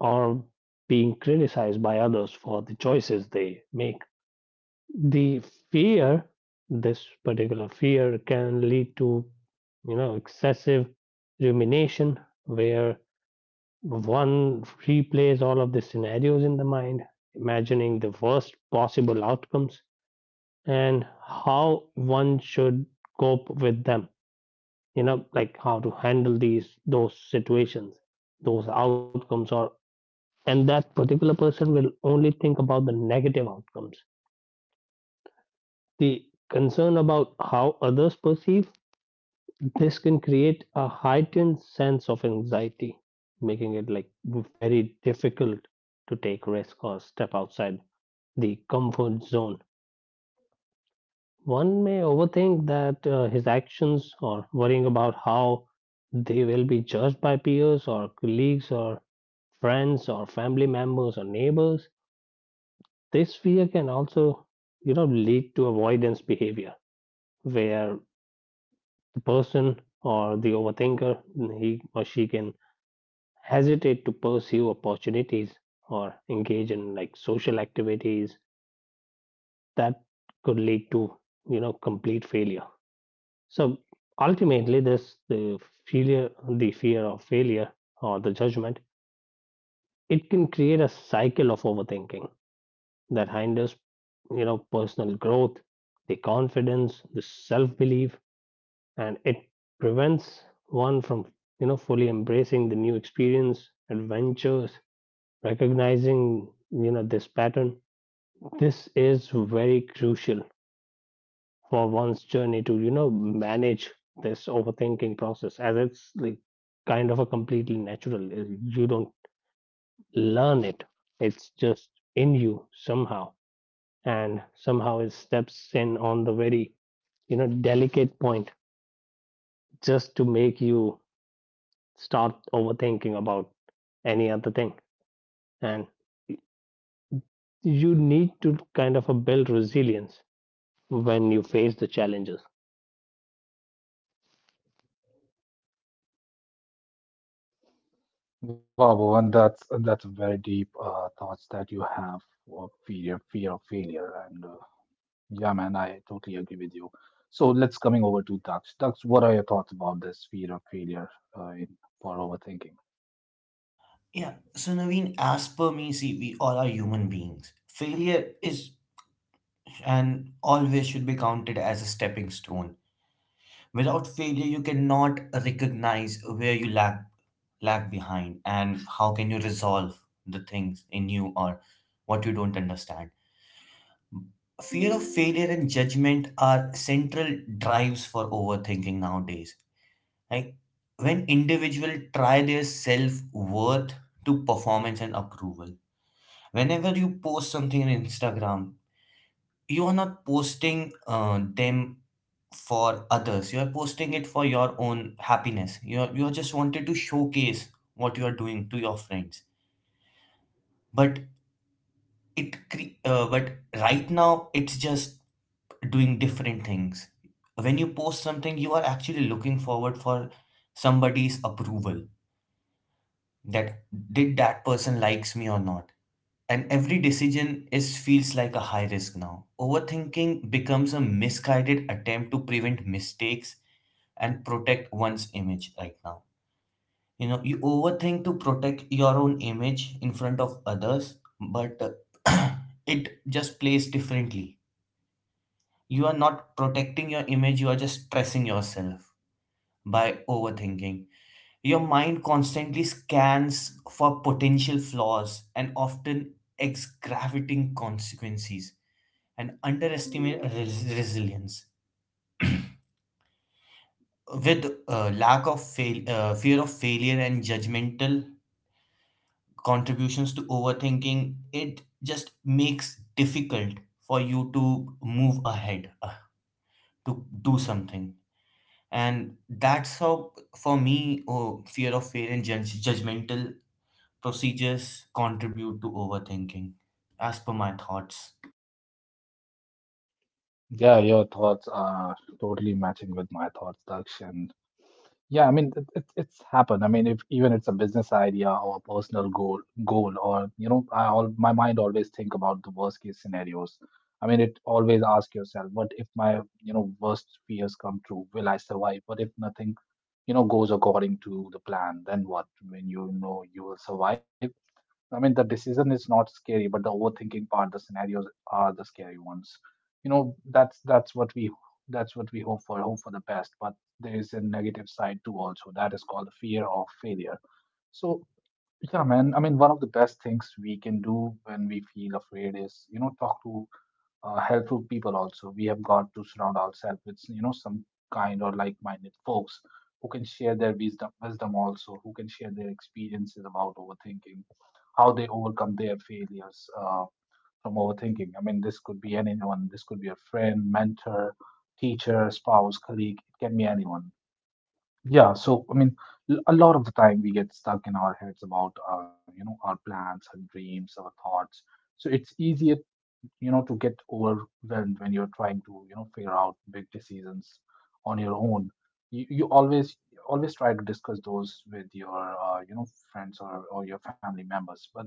B: or being criticized by others for the choices they make. The fear This particular fear can lead to, you know, excessive rumination, where one replays all of the scenarios in the mind, imagining the worst possible outcomes and how one should cope with them, you know, like how to handle these those situations, those outcomes. Or And that particular person will only think about the negative outcomes. The concern about how others perceive, this can create a heightened sense of anxiety, making it like very difficult to take risk or step outside the comfort zone. One may overthink that his actions or worrying about how they will be judged by peers or colleagues or friends or family members or neighbors. This fear can also, you know, lead to avoidance behavior, where the person or the overthinker, he or she can hesitate to pursue opportunities or engage in like social activities that could lead to, you know, complete failure. So ultimately, this the failure, the fear of failure or the judgment, it can create a cycle of overthinking that hinders, you know, personal growth, the confidence, the self-belief, and it prevents one from, you know, fully embracing the new experience, adventures, recognizing, you know, this pattern. This is very crucial for one's journey to, you know, manage this overthinking process, as it's like kind of a completely natural. You don't learn it, it's just in you somehow, and somehow it steps in on the very, you know, delicate point, just to make you start overthinking about any other thing. And you need to kind of build resilience when you face the challenges.
A: Wow, Bhuvan, that's a very deep thoughts that you have of fear of failure and. Yeah, man, I totally agree with you. So let's coming over to Dax. Dax, what are your thoughts about this fear of failure for overthinking?
C: Yeah, so Naveen, as per me, see, we all are human beings. Failure is and always should be counted as a stepping stone. Without failure, you cannot recognize where you lack lag behind and how can you resolve the things in you or what you don't understand. Fear of failure and judgment are central drives for overthinking nowadays, like when individuals try their self-worth to performance and approval. Whenever you post something on Instagram, you are not posting them for others. You are posting it for your own happiness. You are just wanted to showcase what you are doing to your friends. But it cre- uh, but right now it's just doing different things. When you post something, you are actually looking forward for somebody's approval, that did that person likes me or not. And every decision is feels like a high risk. Now overthinking becomes a misguided attempt to prevent mistakes and protect one's image. Right now, you know, you overthink to protect your own image in front of others. But uh, it just plays differently. You are not protecting your image, you are just stressing yourself by overthinking. Your mind constantly scans for potential flaws and often exgravating consequences, and underestimate resilience. With fear of failure and judgmental contributions to overthinking, it just makes difficult for you to move ahead, to do something. And that's how, for me, oh, fear of failure and judgmental procedures contribute to overthinking, as per my thoughts.
A: Yeah, your thoughts are totally matching with my thoughts, Dax, and yeah, I mean it's happened. I mean, if even it's a business idea or a personal goal, or you know, I all my mind always think about the worst case scenarios. I mean, it always ask yourself, what if my, you know, worst fears come true? Will I survive? What if nothing, you know, goes according to the plan? Then what? When you know you will survive, I mean, the decision is not scary, but the overthinking part, the scenarios are the scary ones. You know, that's what we hope for, the best. But there is a negative side too, also. That is called the fear of failure. So, yeah, man. I mean, one of the best things we can do when we feel afraid is, you know, talk to helpful people. Also, we have got to surround ourselves with, you know, some kind or like-minded folks who can share their wisdom, also who can share their experiences about overthinking, how they overcome their failures from overthinking. I mean, this could be anyone. This could be a friend, mentor, teacher, spouse, colleague, it can be anyone. Yeah, so I mean, a lot of the time we get stuck in our heads about you know, our plans, our dreams, our thoughts. So it's easier, you know, to get overwhelmed when you're trying to, you know, figure out big decisions on your own. You always try to discuss those with your friends or your family members. But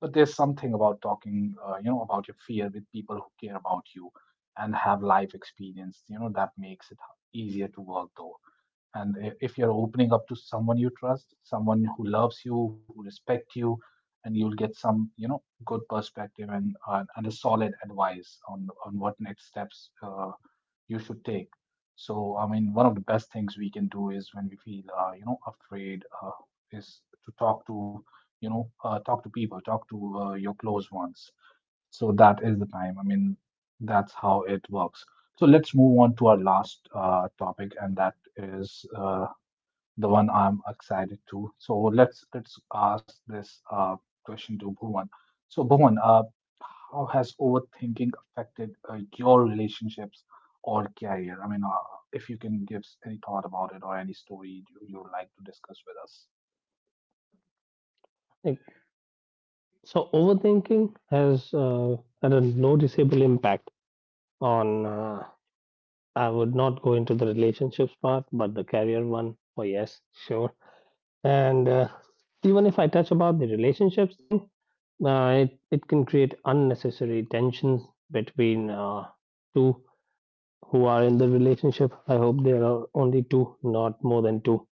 A: there's something about talking you know, about your fear with people who care about you and have life experience, you know, that makes it easier to work though. And if you're opening up to someone you trust, someone who loves you, who respects you, and you'll get some, you know, good perspective and a solid advice on what next steps you should take. So I mean, one of the best things we can do is when we feel you know, afraid is to talk to, talk to people, talk to your close ones. So that is the time. I mean, that's how it works. So let's move on to our last topic, and that is the one I'm excited to. So let's ask this question to Bhuvan. So Bhuvan, how has overthinking affected your relationships or career? I mean, if you can give any thought about it or any story you would like to discuss with us.
B: Like, so overthinking has had a noticeable impact on, I would not go into the relationships part, but the career one, oh yes, sure. And even if I touch about the relationships thing, it it can create unnecessary tensions between two who are in the relationship. I hope there are only two, not more than two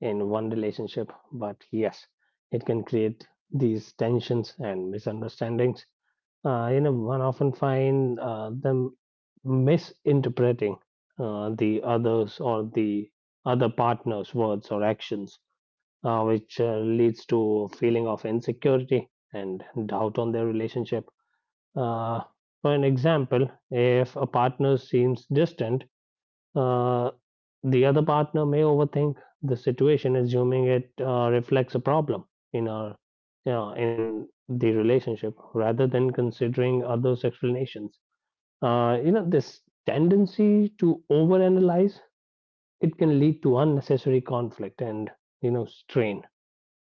B: in one relationship. But yes, it can create these tensions and misunderstandings. You know, one often find them misinterpreting the others or the other partner's words or actions, which leads to a feeling of insecurity and doubt on their relationship. Uh, for an example, if a partner seems distant, uh, the other partner may overthink the situation, assuming it reflects a problem in our, you know, in the relationship, rather than considering others' explanations. You know, this tendency to overanalyze, it can lead to unnecessary conflict and, you know, strain.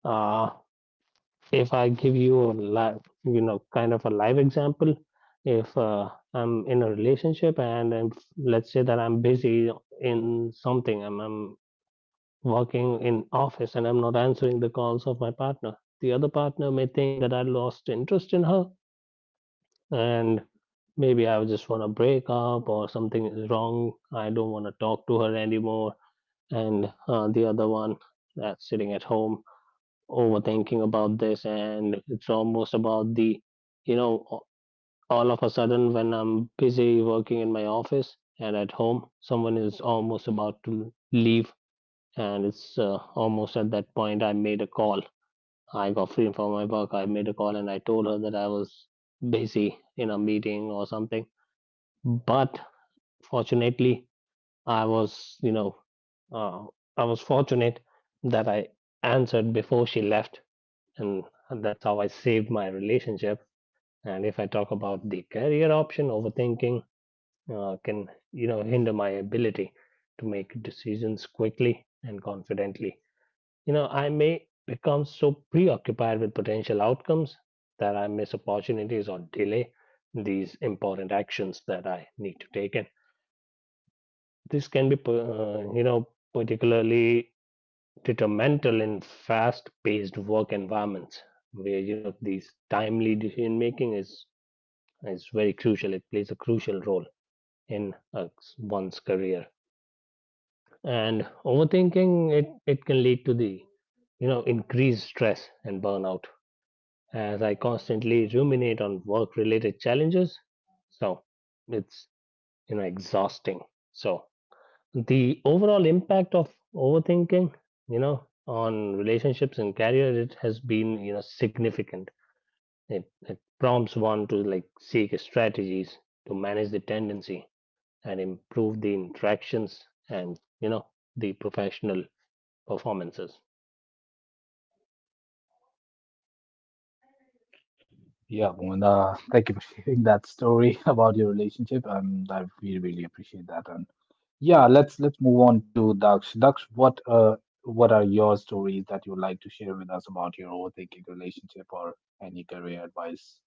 B: Uh, if I give you a live, you know, kind of a live example, if I'm in a relationship and let's say that I'm busy in something, I'm working in office and I'm not answering the calls of my partner, the other partner may think that I lost interest in her, and maybe I just want to break up or something is wrong. I don't want to talk to her anymore. And the other one that's sitting at home overthinking about this, and it's almost about the, you know a- all of a sudden, when I'm busy working in my office and at home someone is almost about to leave, and it's almost at that point I made a call. I got free from my work, I made a call and I told her that I was busy in a meeting or something. But fortunately, I was uh, I was fortunate that I answered before she left, and that's how I saved my relationship. And if I talk about the career option, overthinking can, you know, hinder my ability to make decisions quickly and confidently. You know, I may become so preoccupied with potential outcomes that I miss opportunities or delay these important actions that I need to take. And this can be, you know, particularly detrimental in fast-paced work environments, where, you know, these timely decision making is very crucial. It plays a crucial role in one's career. And overthinking, it can lead to the, you know, increased stress and burnout, as I constantly ruminate on work-related challenges. So it's, you know, exhausting. So the overall impact of overthinking, you know, on relationships and career, it has been, you know, significant. It prompts one to like seek strategies to manage the tendency and improve the interactions and, you know, the professional performances.
A: Yeah, Bhuvan, thank you for sharing that story about your relationship. I, we really appreciate that. And. Yeah, let's move on to Daksh. Daksh, what uh, what are your stories that you would like to share with us about your overthinking relationship or any career advice?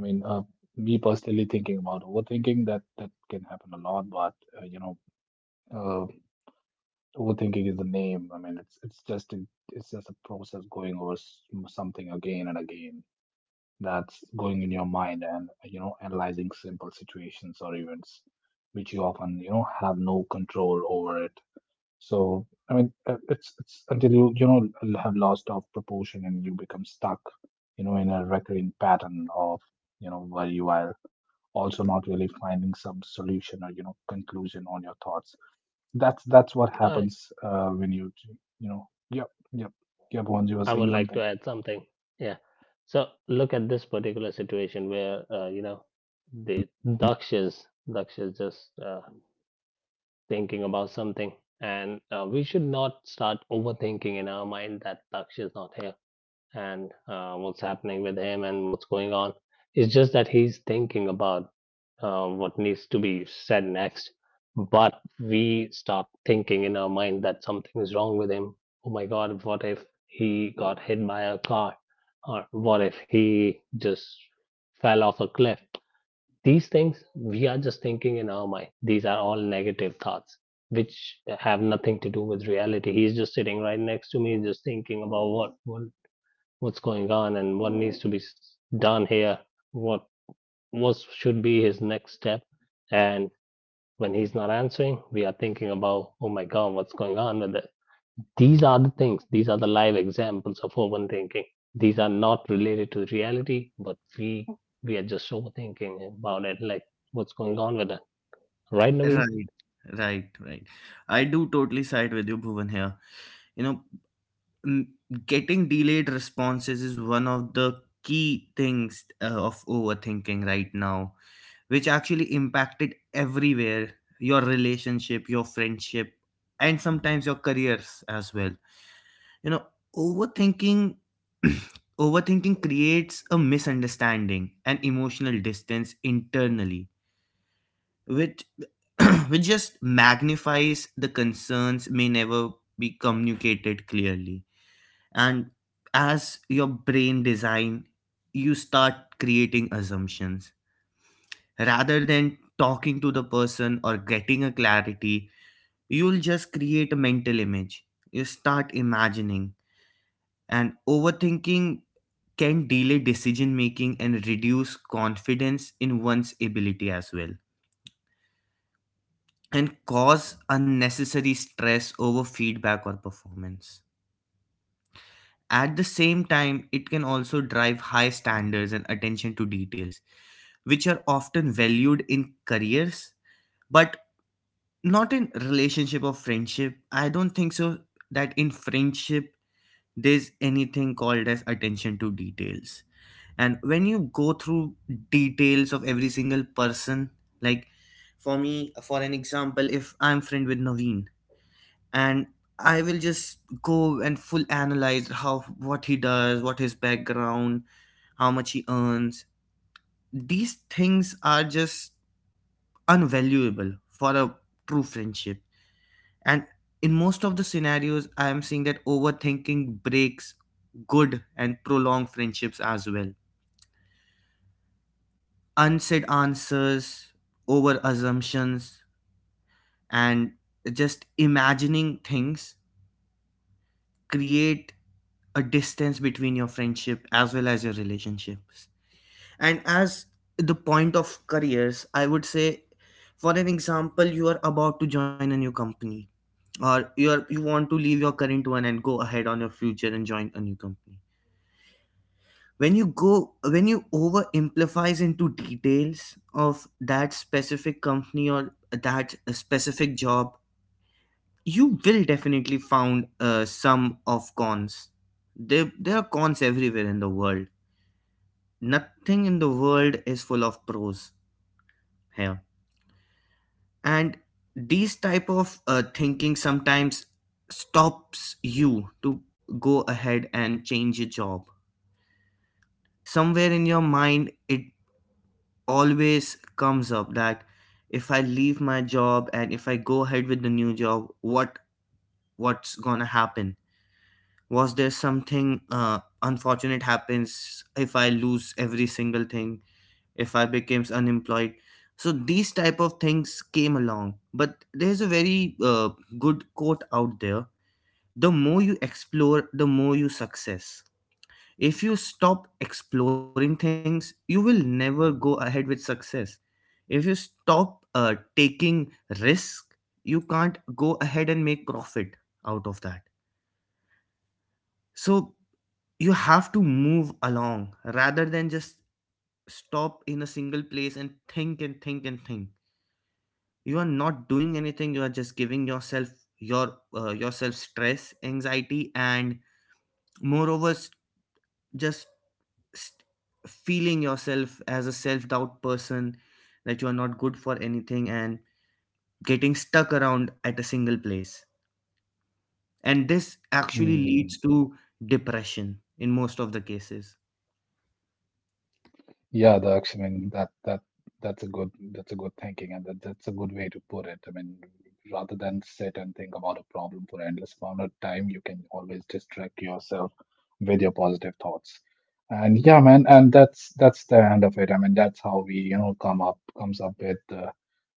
A: I mean, me personally thinking about overthinking that that can happen a lot, but uh, overthinking is the name. I mean, it's just a process going over something again and again, that's going in your mind, and you know, analyzing simple situations or events which you often, you know, have no control over it. So I mean, it's until you know, have lost of proportion and you become stuck, you know, in a recurring pattern of, you know, where you are also not really finding some solution or, you know, conclusion on your thoughts. That's what
B: i,
A: happens when you know. Yep, yep, yep, once you were
B: I
A: saying
B: would like to
A: something.
B: add something. Yeah, so look at this particular situation where, the daksha's daksha's just thinking about something. And we should not start overthinking in our mind that Daksh is not here and what's happening with him and what's going on. It's just that he's thinking about what needs to be said next. But we start thinking in our mind that something is wrong with him. Oh my God, what if he got hit by a car? Or what if he just fell off a cliff? These things we are just thinking in our mind. These are all negative thoughts, which have nothing to do with reality. He's just sitting right next to me, just thinking about what what's going on and what needs to be done here. What what should be his next step? And when he's not answering, we are thinking about, oh my God, what's going on with it? These are the things, these are the live examples of overthinking. These are not related to reality, but we are just overthinking about it, like what's going on with it. Right, Naveen?
C: Right, right, right. I do totally side with you, Bhuvan, here. You know, m- getting delayed responses is one of the key things of overthinking right now, which actually impacted everywhere, your relationship, your friendship, and sometimes your careers as well. You know, overthinking overthinking creates a misunderstanding and emotional distance internally, which which just magnifies the concerns may never be communicated clearly. And as your brain design, you start creating assumptions. Rather than talking to the person or getting a clarity, you'll just create a mental image. You start imagining, and overthinking can delay decision making and reduce confidence in one's ability as well, and cause unnecessary stress over feedback or performance. At the same time, it can also drive high standards and attention to details, which are often valued in careers. But not in relationship or friendship, I don't think so, that in friendship there's anything called as attention to details. And when you go through details of every single person, like for me, for an example, if I'm friend with Naveen, and I will just go and full analyze how, what he does, what his background, how much he earns. These things are just unvaluable for a true friendship. And in most of the scenarios, I am seeing that overthinking breaks good and prolonged friendships as well. Unsaid answers, over assumptions, and just imagining things create a distance between your friendship as well as your relationships. And as the point of careers, I would say, for an example, you are about to join a new company, or you are, you want to leave your current one and go ahead on your future and join a new company. When you go, when you over amplifies into details of that specific company or that specific job, you will definitely found some of cons. There are cons everywhere in the world. Nothing in the world is full of pros here. And these type of thinking sometimes stops you to go ahead and change your job. Somewhere in your mind, it always comes up that if I leave my job and if I go ahead with the new job, what what's gonna happen? Was there something unfortunate happens? If I lose every single thing? If I becomes unemployed? So these type of things came along. But there's a very good quote out there: the more you explore, the more you success. If you stop exploring things, you will never go ahead with success. If you stop taking risk, you can't go ahead and make profit out of that. So you have to move along, rather than just stop in a single place and think and think and think. You are not doing anything, you are just giving yourself your yourself stress, anxiety, and moreover just st- feeling yourself as a self doubt person, that you are not good for anything, and getting stuck around at a single place. And this actually
A: Mm-hmm.
C: leads to depression in most of the cases.
A: Yeah, the I mean that that's a good, that's a good thinking, and that's a good way to put it. I mean, rather than sit and think about a problem for endless amount of time, you can always distract yourself with your positive thoughts. And yeah, man, and that's the end of it. I mean, that's how we, you know, comes up with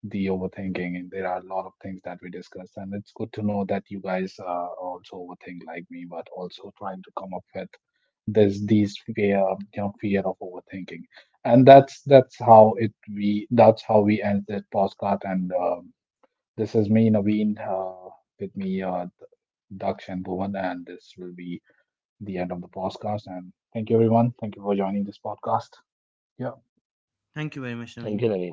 A: the overthinking. And there are a lot of things that we discussed, and it's good to know that you guys also overthink like me, but also trying to come up with this these fear, you know, fear of overthinking. And that's how we end this podcast, and this is me Naveen, with me Daksh and Bhuvan, and this will be the end of the podcast. And thank you everyone, thank you for joining this podcast. Yeah.
C: Thank you very much,
B: Thank
C: Naveen.
B: you, Naveen.